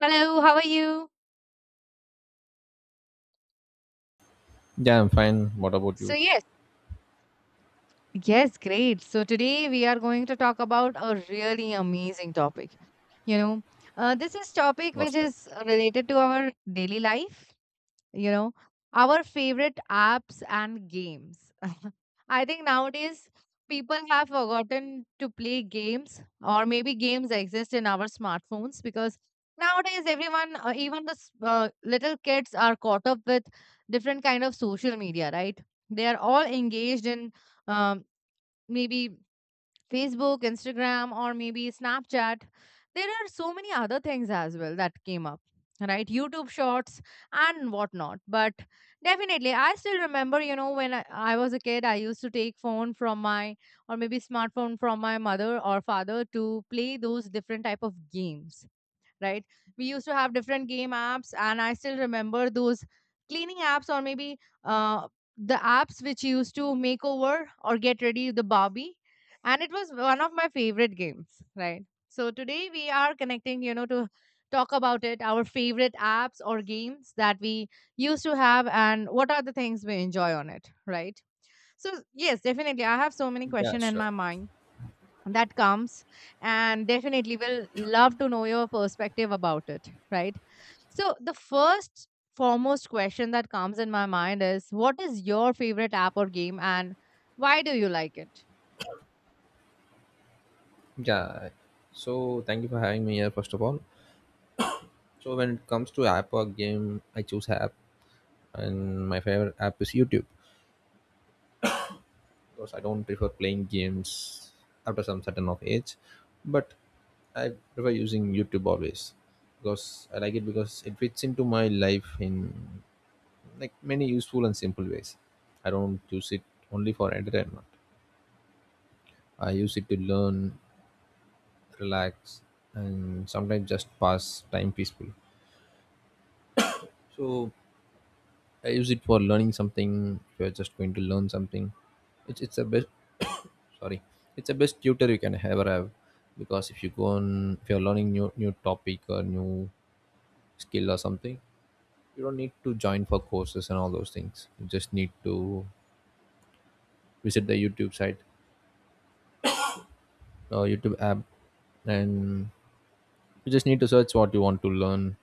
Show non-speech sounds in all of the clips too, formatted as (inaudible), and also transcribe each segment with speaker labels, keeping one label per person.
Speaker 1: Hello, how are you?
Speaker 2: Yeah, I'm fine. What about
Speaker 1: So,
Speaker 2: you?
Speaker 1: yes. Yes, great. So, today we are going to talk about a really amazing topic. You know, this is topic
Speaker 2: What's
Speaker 1: which
Speaker 2: that?
Speaker 1: is related to our daily life you know our favorite apps and games. (laughs) I think nowadays people have forgotten to play games or maybe games exist in our smartphones because nowadays everyone, even the little kids are caught up with different kind of social media, right? They are all engaged in, um, maybe, Facebook, Instagram, or maybe Snapchat. There are so many other things as well that came up, right? YouTube shorts and whatnot. But definitely, I still remember, you know, when I was a kid, I used to take phone from my, or maybe smartphone from my mother or father to play those different type of games, right? We used to have different game apps, and I still remember those cleaning apps, or maybe, uh, the apps which used to make over or get ready the Barbie. And it was one of my favorite games, right? So today we are connecting, you know, to talk about it, our favorite apps or games that we used to have, and what are the things we enjoy on it, right? So yes, definitely, I have so many
Speaker 2: Yeah,
Speaker 1: questions in
Speaker 2: sure.
Speaker 1: my mind that comes, and definitely will love to know your perspective about it, right? So the first foremost question that comes in my mind is, what is your favorite app or game, and why do you like it?
Speaker 2: Yeah. So thank you for having me here first of all. So when it comes to app or game, I choose app, and my favorite app is YouTube because I don't prefer playing games after some certain of age, but I prefer using YouTube always because I like it because it fits into my life in like many useful and simple ways. I don't use it only for entertainment. I use it to learn, relax, and sometimes just pass time peacefully. So I use it for learning something. If you're just going to learn something, it's a best, sorry, it's a best tutor you can ever have, because if you go on, if you're learning new topic or new skill or something, you don't need to join for courses and all those things. You just need to visit the YouTube site or YouTube app, and you just need to search what you want to learn,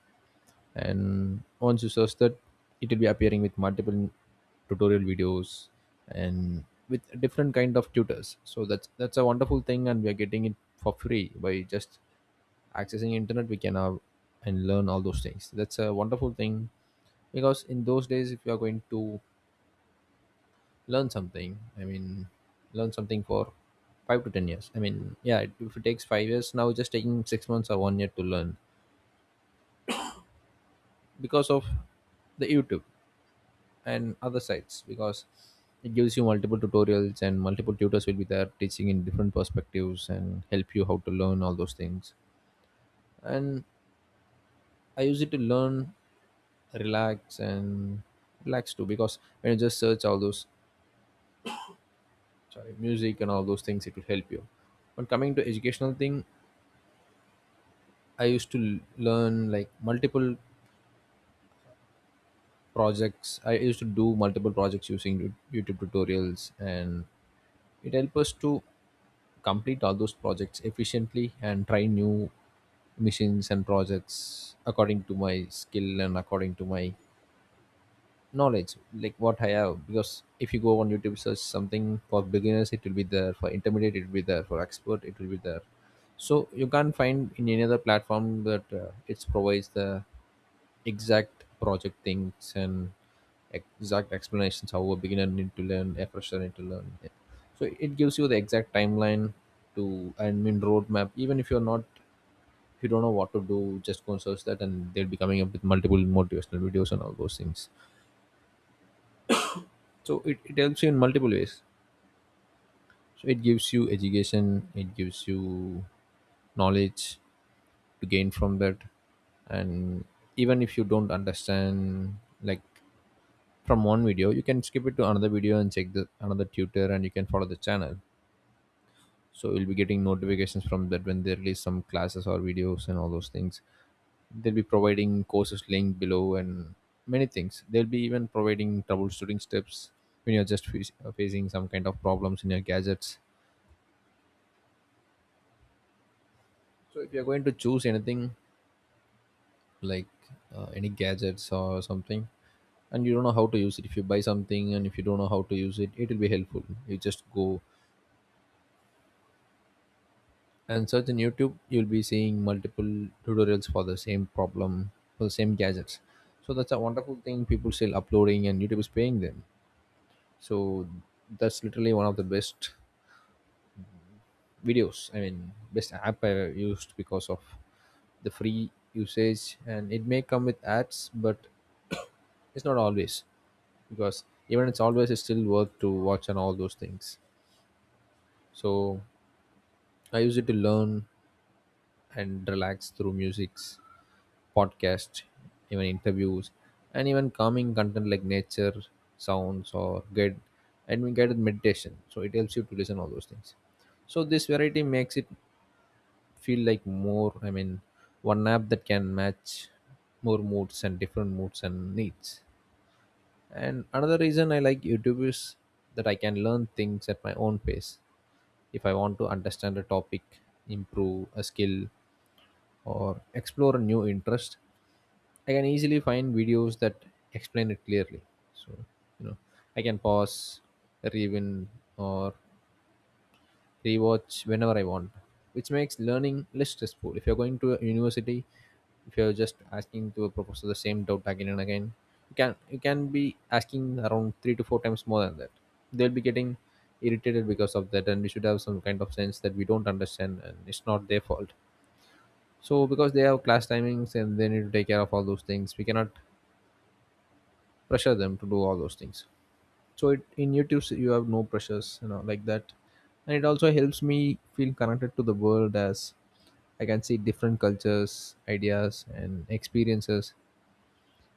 Speaker 2: and once you search that, it will be appearing with multiple tutorial videos and with different kind of tutors. So that's a wonderful thing, and we are getting it for free. By just accessing internet, we can have and learn all those things. That's a wonderful thing, because in those days, if you are going to learn something, I mean learn something for 5 to 10 years, I mean, yeah, if it takes 5 years, now just taking 6 months or 1 year to learn because of the YouTube and other sites, because it gives you multiple tutorials and multiple tutors will be there teaching in different perspectives and help you how to learn all those things. And I use it to learn, relax, and relax too, because when you just search all those, sorry, music and all those things, it will help you. But coming to educational thing, I used to l- learn like multiple projects. I used to do multiple projects using YouTube tutorials, and it helped us to complete all those projects efficiently and try new machines and projects according to my skill and according to my knowledge, like what I have. Because if you go on YouTube, search something for beginners, it will be there; for intermediate, it will be there; for expert, it will be there. So you can't find in any other platform that it provides the exact project things and exact explanations how a beginner need to learn, a fresher need to learn. Yeah. So it gives you the exact timeline to, I mean, roadmap, even if you're not, if you don't know what to do, just go and search that, and they'll be coming up with multiple motivational videos and all those things. So it helps you in multiple ways. So it gives you education, it gives you knowledge to gain from that. And even if you don't understand, like, from one video, you can skip it to another video and check the another tutor, and you can follow the channel, so you'll be getting notifications from that when they release some classes or videos and all those things. They'll be providing courses link below, and many things. They'll be even providing troubleshooting steps when you're just facing some kind of problems in your gadgets. So if you're going to choose anything, like any gadgets or something, and you don't know how to use it, if you buy something and if you don't know how to use it, it will be helpful. You just go and search in YouTube, you'll be seeing multiple tutorials for the same problem, for the same gadgets. So that's a wonderful thing. People still uploading, and YouTube is paying them. So that's literally one of the best videos, I mean best app I used, because of the free usage, and it may come with ads, but it's not always, because even it's always, it's still worth to watch and all those things. So I use it to learn and relax through musics, podcasts, even interviews, and even calming content like nature sounds or guide and we guided meditation. So it helps you to listen all those things. So this variety makes it feel like more. I mean, one app that can match more moods and different moods and needs. And another reason I like YouTube is that I can learn things at my own pace. If I want to understand a topic, improve a skill, or explore a new interest, I can easily find videos that explain it clearly. So, you know, I can pause, review, or rewatch whenever I want, which makes learning less stressful. If you're going to a university, if you're just asking to a professor the same doubt again and again, you can be asking around 3 to 4 times more than that. They'll be getting irritated because of that, and we should have some kind of sense that we don't understand, and it's not their fault. So because they have class timings and they need to take care of all those things, we cannot pressure them to do all those things. So it, in YouTube, you have no pressures, you know, like that. And it also helps me feel connected to the world, as I can see different cultures, ideas, and experiences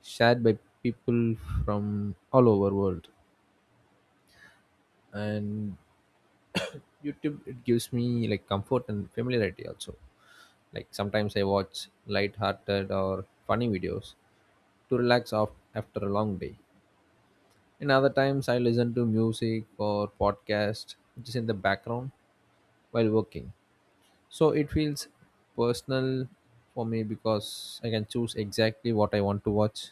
Speaker 2: shared by people from all over world. And YouTube, it gives me like comfort and familiarity also. Like, sometimes I watch light-hearted or funny videos to relax off after a long day, and other times I listen to music or podcast which is in the background while working. So it feels personal for me because I can choose exactly what I want to watch.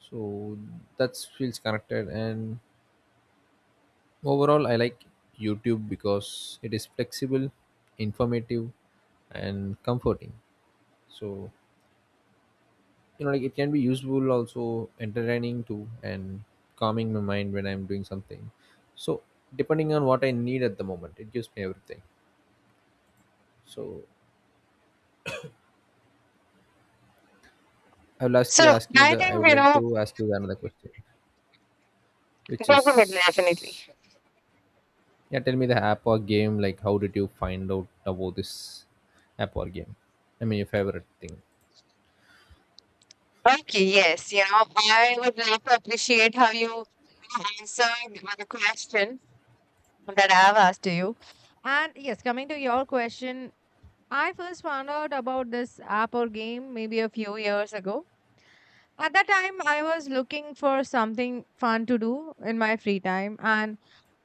Speaker 2: So that feels connected. And overall, I like YouTube because it is flexible, informative, and comforting. So, you know, like, it can be useful, also entertaining too, and calming my mind when I'm doing something. So depending on what I need at the moment, it gives me everything. So I will ask you
Speaker 1: So
Speaker 2: ask you
Speaker 1: I
Speaker 2: the I
Speaker 1: think,
Speaker 2: would
Speaker 1: you
Speaker 2: like
Speaker 1: know,
Speaker 2: to ask you another question. Which
Speaker 1: definitely, definitely.
Speaker 2: is, yeah, tell me the app or game. Like, how did you find out about this app or game? I mean, your favorite thing.
Speaker 1: Okay, yes, you know, I would like to appreciate how you, you know, answered the question that I've asked to you. And yes, coming to your question, I first found out about this app or game maybe a few years ago. At that time, I was looking for something fun to do in my free time, and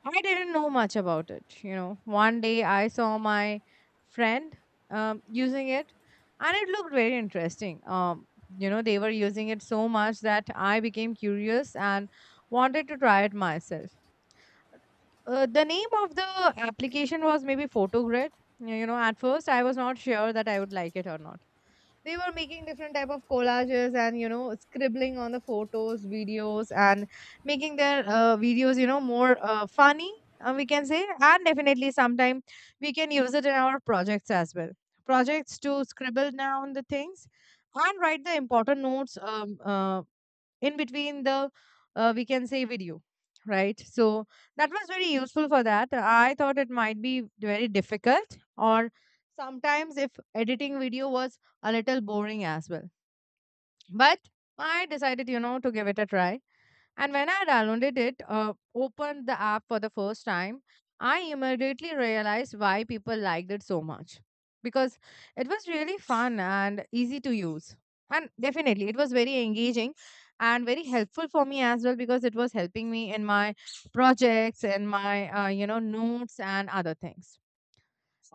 Speaker 1: I didn't know much about it. You know, one day I saw my friend, using it, and it looked very interesting. You know, they were using it so much that I became curious and wanted to try it myself. The name of the application was maybe Photogrid. You know, at first I was not sure that I would like it or not. They were making different type of collages, and you know, scribbling on the photos, videos, and making their videos, you know, more funny, we can say. And definitely sometime we can use it in our projects as well, projects to scribble down the things and write the important notes, in between the, we can say, video, right? So that was very useful. For that I thought it might be very difficult, or sometimes if editing video was a little boring as well, but I decided, you know, to give it a try. And when I downloaded it, opened the app for the first time, I immediately realized why people liked it so much. Because it was really fun and easy to use. And definitely, it was very engaging and very helpful for me as well, because it was helping me in my projects and my, you know, notes and other things.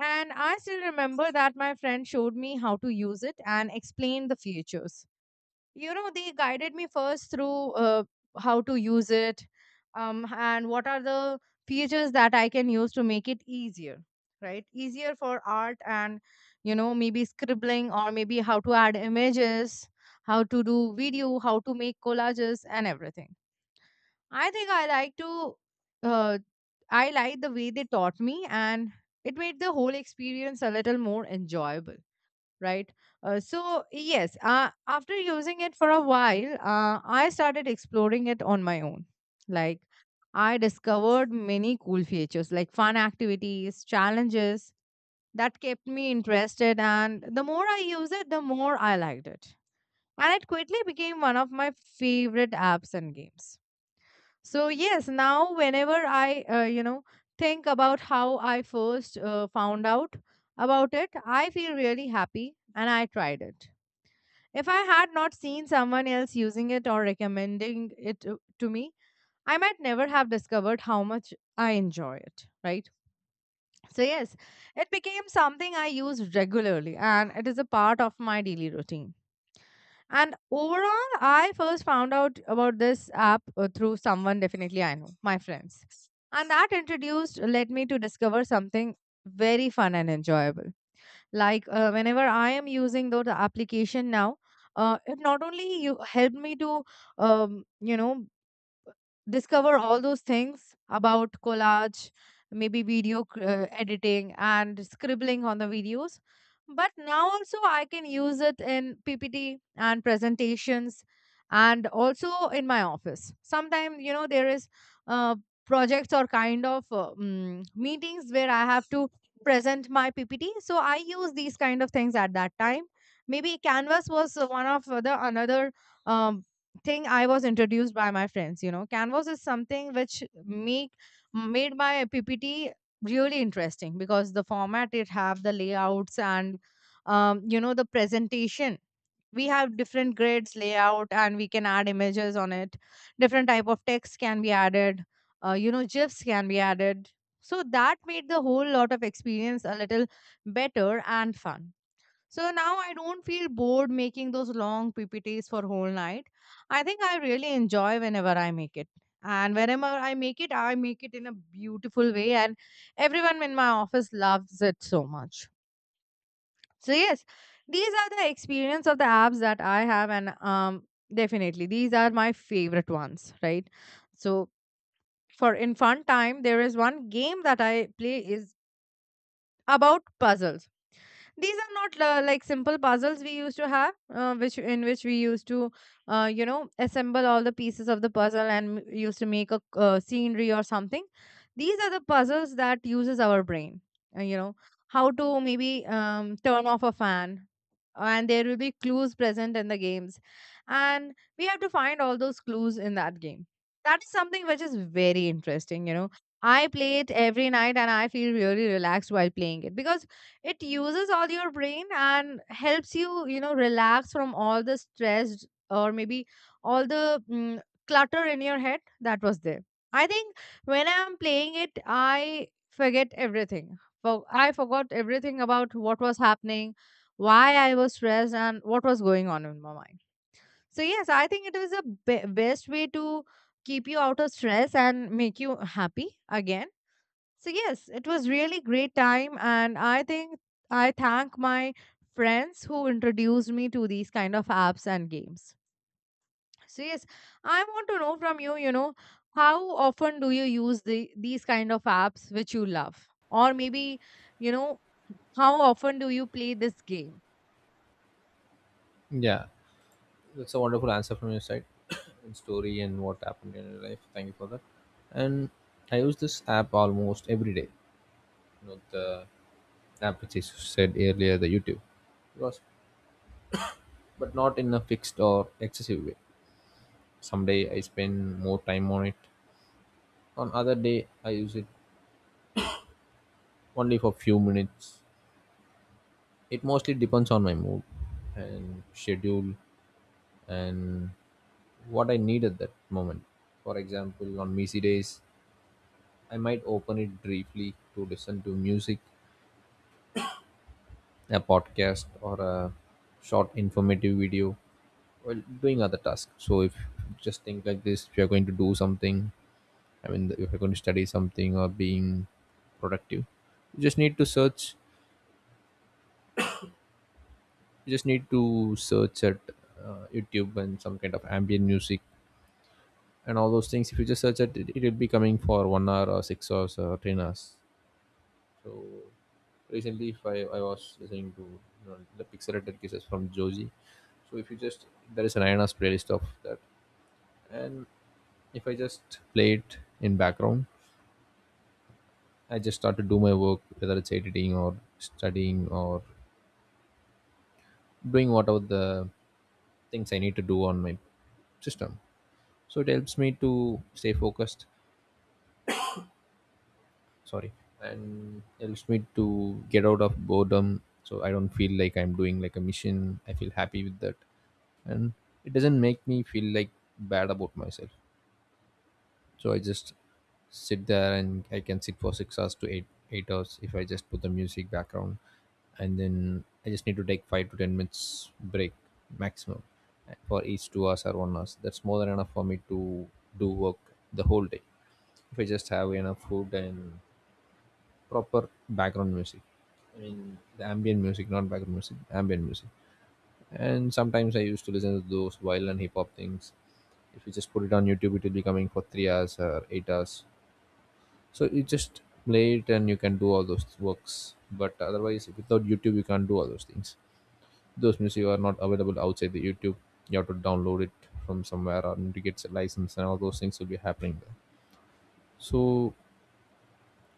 Speaker 1: And I still remember that my friend showed me how to use it and explained the features. You know, they guided me first through, how to use it, and what are the features that I can use to make it easier, right? Easier for art, and you know, maybe scribbling, or maybe how to add images, how to do video, how to make collages and everything. I think I like to, uh, I like the way they taught me, and it made the whole experience a little more enjoyable, right? So, yes, after using it for a while, I started exploring it on my own. Like, I discovered many cool features like fun activities, challenges that kept me interested. And the more I used it, the more I liked it. And it quickly became one of my favorite apps and games. So, yes, now whenever I you know, think about how I first found out about it, I feel really happy and I tried it. If I had not seen someone else using it or recommending it to me, I might never have discovered how much I enjoy it, right? So, yes, it became something I use regularly and it is a part of my daily routine. And overall, I first found out about this app through someone definitely I know, my friends. And that introduced, led me to discover something very fun and enjoyable. Like, whenever I am using those application now, it not only you helped me to, you know, discover all those things about collage, maybe video editing and scribbling on the videos. But now also I can use it in PPT and presentations, and also in my office. Sometimes, you know, there is, uh, projects or kind of, meetings where I have to present my PPT. So I use these kind of things at that time. Maybe Canvas was one of the another, um, thing I was introduced by my friends. You know, Canvas is something which make made my PPT really interesting because the format it have, the layouts, and you know, the presentation. We have different grids layout and we can add images on it. Different type of text can be added. You know, GIFs can be added. So that made the whole lot of experience a little better and fun. So now I don't feel bored making those long PPTs for whole night. I think I really enjoy whenever I make it. And whenever I make it in a beautiful way, and everyone in my office loves it so much. So yes, these are the experience of the apps that I have, and definitely these are my favorite ones, right? So for in fun time, there is one game that I play is about puzzles. These are not, like simple puzzles we used to have, which, in which we used to, you know, assemble all the pieces of the puzzle and used to make a, scenery or something. These are the puzzles that uses our brain, you know, how to maybe, turn off a fan, and there will be clues present in the games, and we have to find all those clues in that game. That is something which is very interesting, you know. I play it every night and I feel really relaxed while playing it because it uses all your brain and helps you, you know, relax from all the stress, or maybe all the clutter in your head that was there. I think when I'm playing it I forget everything. I forgot everything about what was happening, why I was stressed and what was going on in my mind. So yes, I think it is the best way to keep you out of stress and make you happy again. So yes, it was really great time, and I think I thank my friends who introduced me to these kind of apps and games. So yes, I want to know from you, you know, how often do you use the these kind of apps which you love? Or maybe, you know, how often do you play this game?
Speaker 2: Yeah, that's a wonderful answer from your side, (coughs) and story and what happened in your life. Thank you for that. And I use this app almost every day. You know, the app which is said earlier, the YouTube, because, but not in a fixed or excessive way. Someday I spend more time on it. On other day I use it only for few minutes. It mostly depends on my mood and schedule and what I need at that moment. For example, on busy days, I might open it briefly to listen to music, a podcast, or a short informative video while doing other tasks. So, if just think like this, if you're going to do something, I mean, if you're going to study something or being productive, you just need to search you just need to search at YouTube and some kind of ambient music and all those things. If you just search it, it will be coming for 1 hour or 6 hours or 10 hours. So recently, if I was listening to, you know, the pixelated cases from Joji, so if you just, there is an INAS playlist of that, and if I just play it in background, I just start to do my work, whether it's editing or studying or doing whatever the things I need to do on my system. So it helps me to stay focused, sorry, and helps me to get out of boredom. So I don't feel like I'm doing like a mission. I feel happy with that, and it doesn't make me feel like bad about myself. So I just sit there, and I can sit for 6 hours to eight hours if I just put the music background, and then I just need to take 5 to 10 minutes break maximum for each 2 hours or 1 hours. That's more than enough for me to do work the whole day, if I just have enough food and proper background music. I mean, the ambient music, not background music, ambient music. And sometimes I used to listen to those violin hip hop things. If you just put it on YouTube, it will be coming for 3 hours or 8 hours. So you just play it, and you can do all those works. But otherwise, without YouTube, you can't do all those things. Those music are not available outside the YouTube. You have to download it from somewhere or need to get a license, and all those things will be happening there. So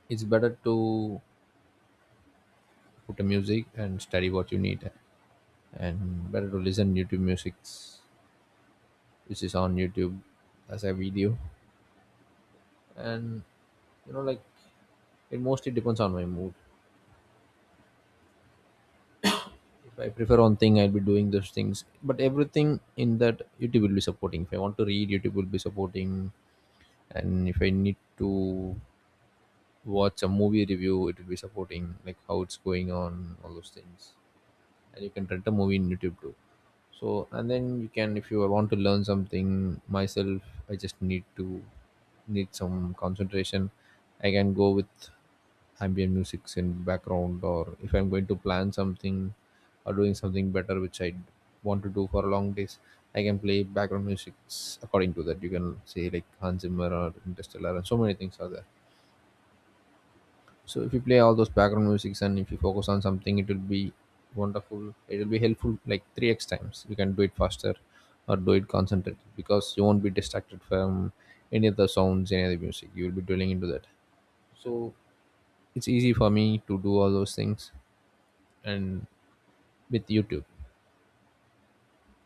Speaker 2: it's better to put a music and study what you need and better to listen YouTube music which is on YouTube as a video, and you know like it mostly depends on my mood. If I prefer one thing, I'll be doing those things, but everything in that YouTube will be supporting. If I want to read, YouTube will be supporting, and if I need to watch a movie review, it will be supporting, like how it's going on, all those things. And you can rent a movie in YouTube too. So and then you can, if you want to learn something myself, I just need to need some concentration. I can go with ambient music in background, or if I'm going to plan something or doing something better which I want to do for long days, I can play background music. According to that, you can say like Hans Zimmer or Interstellar, and so many things are there. So if you play all those background musics and if you focus on something, it will be wonderful, it will be helpful, like 3x times you can do it faster or do it concentrated, because you won't be distracted from any of the sounds, any other music. You will be dwelling into that. So it's easy for me to do all those things, and with YouTube.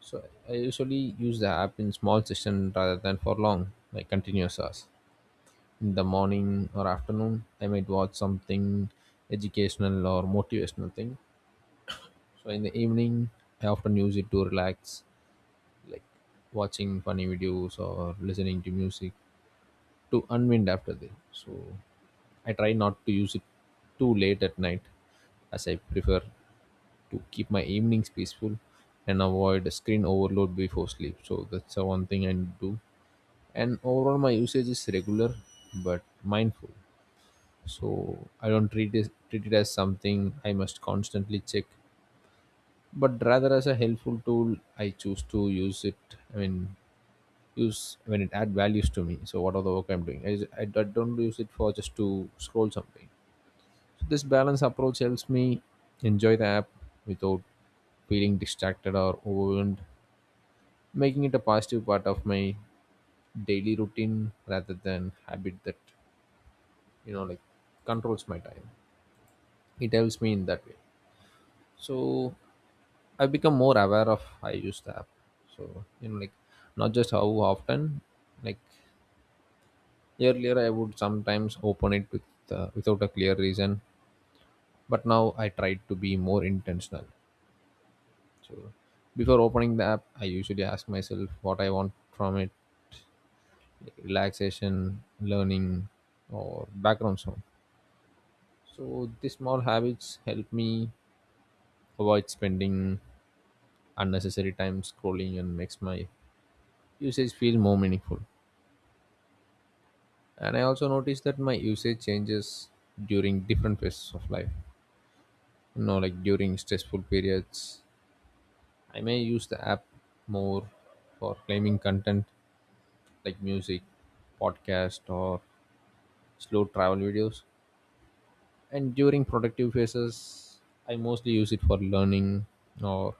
Speaker 2: So I usually use the app in small session rather than for long, like continuous hours. In the morning or afternoon I might watch something educational or motivational thing. So in the evening, I often use it to relax, like watching funny videos or listening to music to unwind after the. So I try not to use it too late at night, as I prefer to keep my evenings peaceful and avoid screen overload before sleep. So that's the one thing I do. And overall, my usage is regular but mindful. So I don't treat it as something I must constantly check, but rather as a helpful tool. I choose to use it, I mean, use when it add values to me. So what are the work I'm doing, I don't use it for just to scroll something. So this balance approach helps me enjoy the app without feeling distracted or overwhelmed, making it a positive part of my daily routine rather than habit that you know like controls my time. It helps me in that way. So I've become more aware of I use the app. So, not just how often, like earlier I would sometimes open it with without a clear reason, but now I try to be more intentional. So, before opening the app, I usually ask myself what I want from it, like relaxation, learning, or background sound. So, these small habits help me avoid spending unnecessary time scrolling and makes my usage feel more meaningful. And I also noticed that my usage changes during different phases of life. You know, like during stressful periods, I may use the app more for claiming content like music, podcast, or slow travel videos. And during productive phases, I mostly use it for learning or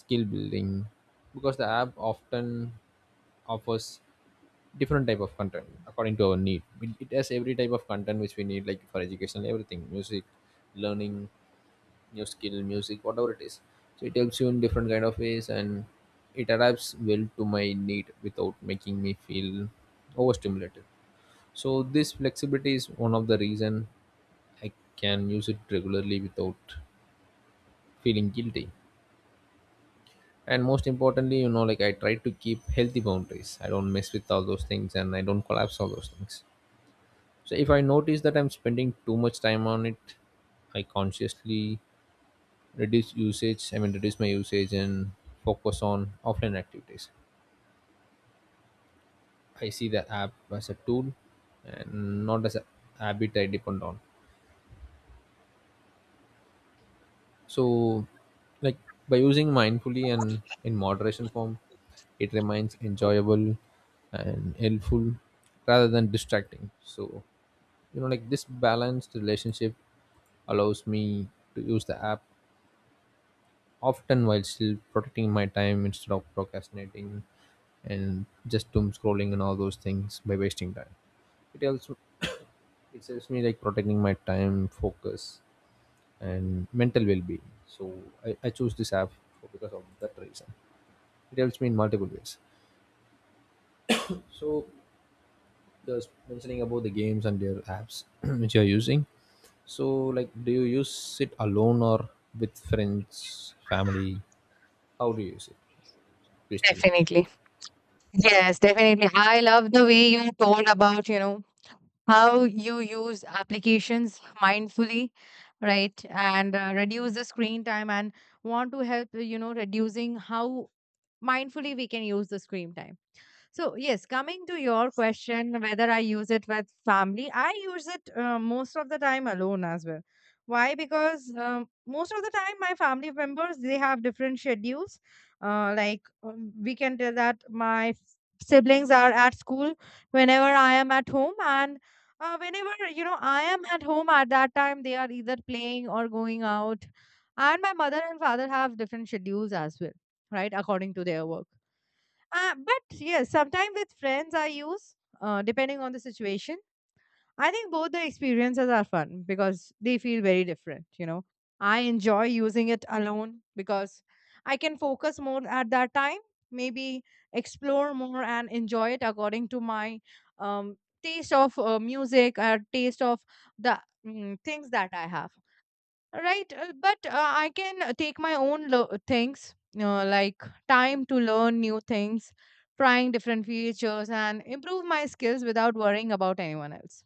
Speaker 2: skill building, because the app often offers different type of content according to our need. It has every type of content which we need, like for education, everything, music, learning new skill, music, whatever it is. So it helps you in different kind of ways, and it adapts well to my need without making me feel overstimulated. So this flexibility is one of the reason I can use it regularly without feeling guilty. And most importantly, I try to keep healthy boundaries. I don't mess with all those things and I don't collapse all those things. So if I notice that I'm spending too much time on it, I consciously reduce my usage and focus on offline activities. I see the app as a tool and not as a habit I depend on. So, like by using mindfully and in moderation form, it remains enjoyable and helpful rather than distracting. So, this balanced relationship allows me to use the app often while still protecting my time instead of procrastinating and just doom scrolling and all those things by wasting time. It also it helps me like protecting my time, focus, and mental well-being. So I choose this app because of that reason. It helps me in multiple ways. So just mentioning about the games and their apps (clears throat) which you are using. So like, do you use it alone or with friends, family? How do you use it? Please tell me.
Speaker 1: Definitely. Yes, definitely. I love the way you told about, you know, how you use applications mindfully, right? And reduce the screen time and want to help, you know, reducing how mindfully we can use the screen time. So, yes, coming to your question, whether I use it with family, I use it most of the time alone as well. Why? Because, most of the time, my family members they have different schedules. Like, we can tell that my siblings are at school whenever I am at home, and whenever, you know, I am at home at that time, they are either playing or going out. And my mother and father have different schedules as well, right? According to their work. But yes, sometimes with friends I use, depending on the situation. I think both the experiences are fun because they feel very different, you know. I enjoy using it alone because I can focus more at that time, maybe explore more and enjoy it according to my, um, taste of, music, or taste of the, things that I have. Right, but I can take my own things, like time to learn new things, trying different features, and improve my skills without worrying about anyone else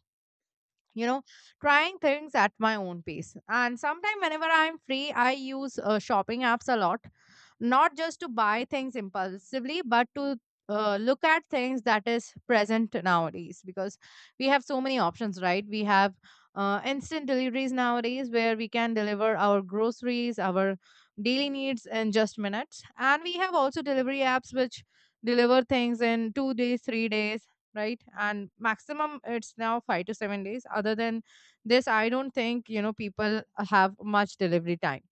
Speaker 1: you know trying things at my own pace. And sometimes whenever I'm free, I use shopping apps a lot, not just to buy things impulsively, but to look at things that is present nowadays. Because we have so many options, right? We have instant deliveries nowadays where we can deliver our groceries, our daily needs in just minutes, and we have also delivery apps which deliver things in 2 days, 3 days, right? And maximum it's now 5 to 7 days. Other than this, I don't think, you know, people have much delivery time.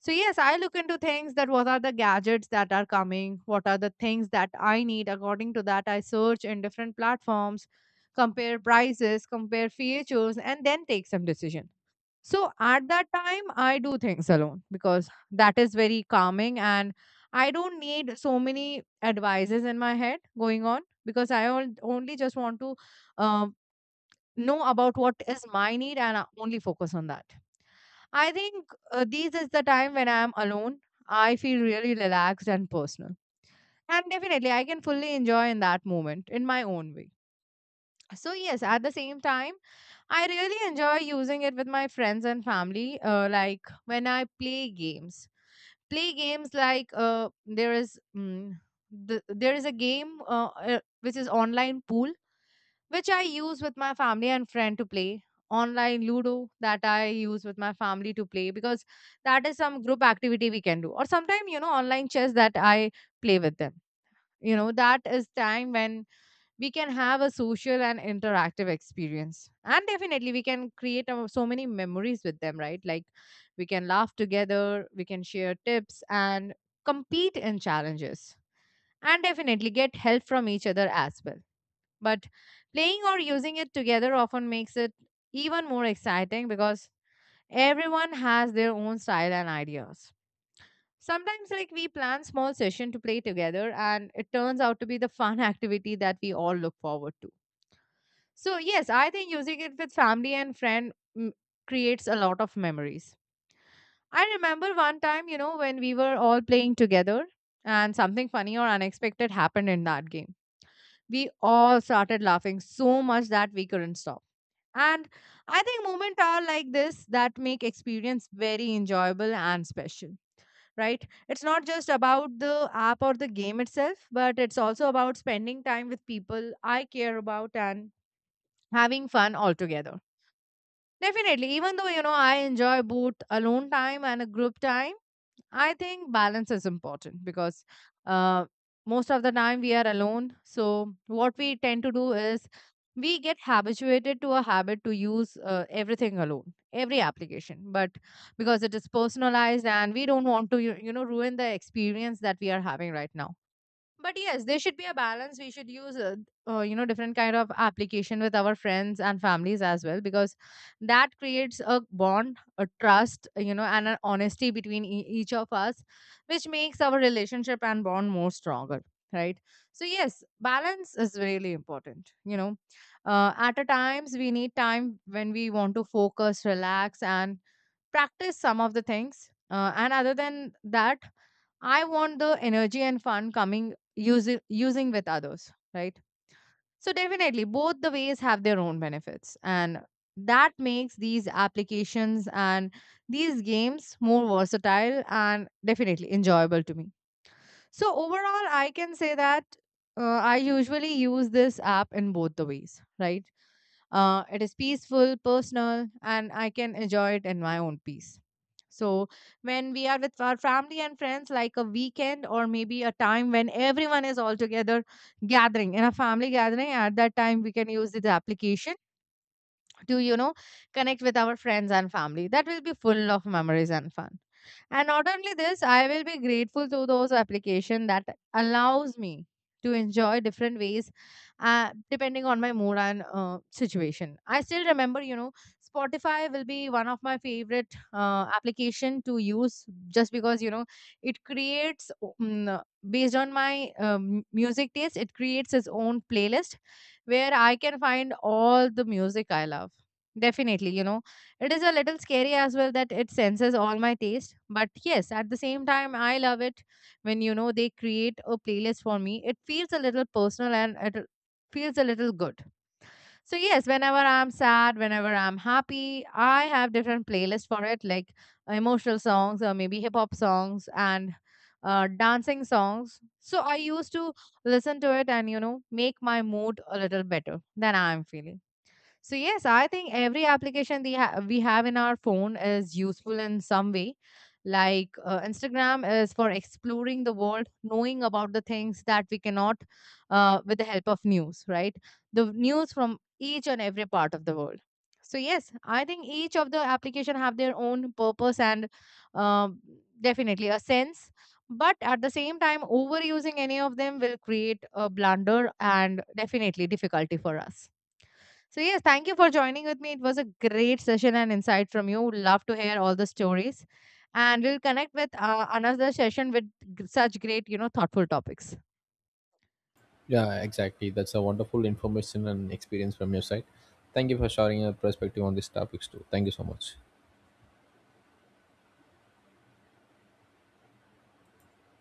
Speaker 1: So yes, I look into things, that what are the gadgets that are coming, what are the things that I need. According to that, I search in different platforms, compare prices, compare features, and then take some decision. So at that time, I do things alone because that is very calming, and I don't need so many advices in my head going on, because I only just want to um, know about what is my need, and I only focus on that. I think these is the time when I am alone. I feel really relaxed and personal. And definitely, I can fully enjoy in that moment in my own way. So yes, at the same time, I really enjoy using it with my friends and family. Like when I play games like there is a game which is online pool, which I use with my family and friend to play. Online Ludo that I use with my family to play, because that is some group activity we can do. Or sometimes, you know, online chess that I play with them. You know, that is time when we can have a social and interactive experience, and definitely we can create our, so many memories with them, right? Like we can laugh together, we can share tips, and compete in challenges, and definitely get help from each other as well. But playing or using it together often makes it even more exciting, because everyone has their own style and ideas. Sometimes like we plan small session to play together, and it turns out to be the fun (laughs) activity that we all look forward to. So yes, I think using it with family and friend, creates a lot of memories. I remember one time, you know, when we were all playing together, and something funny or unexpected happened in that game. We all started laughing so much that we couldn't stop. And I think moments are like this that make experience very enjoyable and special, right? It's not just about the app or the game itself, but it's also about spending time with people I care about and having fun altogether. Definitely, even though, you know, I enjoy both alone time and a group time, I think balance is important because uh, most of the time we are alone. So what we tend to do is we get habituated to a habit to use everything alone, every application, but because it is personalized and we don't want to , you know, ruin the experience that we are having right now. But yes, there should be a balance. We should use you know, different kind of application with our friends and families as well, because that creates a bond, a trust, you know, and an honesty between each of us, which makes our relationship and bond more stronger, right? So yes, balance is really important, you know. Uh, at a times we need time when we want to focus, relax, and practice some of the things, and other than that, I want the energy and fun coming using with others, right? So definitely both the ways have their own benefits, and that makes these applications and these games more versatile and definitely enjoyable to me. So overall, I can say that I usually use this app in both the ways, right? It is peaceful, personal, and I can enjoy it in my own peace. So when we are with our family and friends, like a weekend or maybe a time when everyone is all together, gathering in a family gathering, at that time we can use this application to, you know, connect with our friends and family, that will be full of memories and fun. And not only this, I will be grateful to those application that allows me to enjoy different ways depending on my mood and situation. I still remember, you know, Spotify will be one of my favorite application to use, just because, you know, it creates based on my music taste, it creates its own playlist where I can find all the music I love. Definitely, you know, it is a little scary as well that it senses all my taste. But yes, at the same time, I love it when, you know, they create a playlist for me. It feels a little personal and it feels a little good. So yes, whenever I'm sad, whenever I'm happy, I have different playlists for it, like emotional songs, or maybe hip hop songs, and dancing songs. So I used to listen to it and, you know, make my mood a little better than I'm feeling. So yes, I think every application we, we have in our phone is useful in some way. Like Instagram is for exploring the world, knowing about the things that we cannot, with the help of news, right? The news from each and every part of the world. So yes, I think each of the application have their own purpose and um definitely a sense. But at the same time, overusing any of them will create a blunder and definitely difficulty for us. So yes, thank you for joining with me. It was a great session and insight from you. Would love to hear all the stories. And we'll connect with another session with such great, you know, thoughtful topics.
Speaker 2: Yeah, exactly. That's a wonderful information and experience from your side. Thank you for sharing your perspective on these topics too. Thank you so much.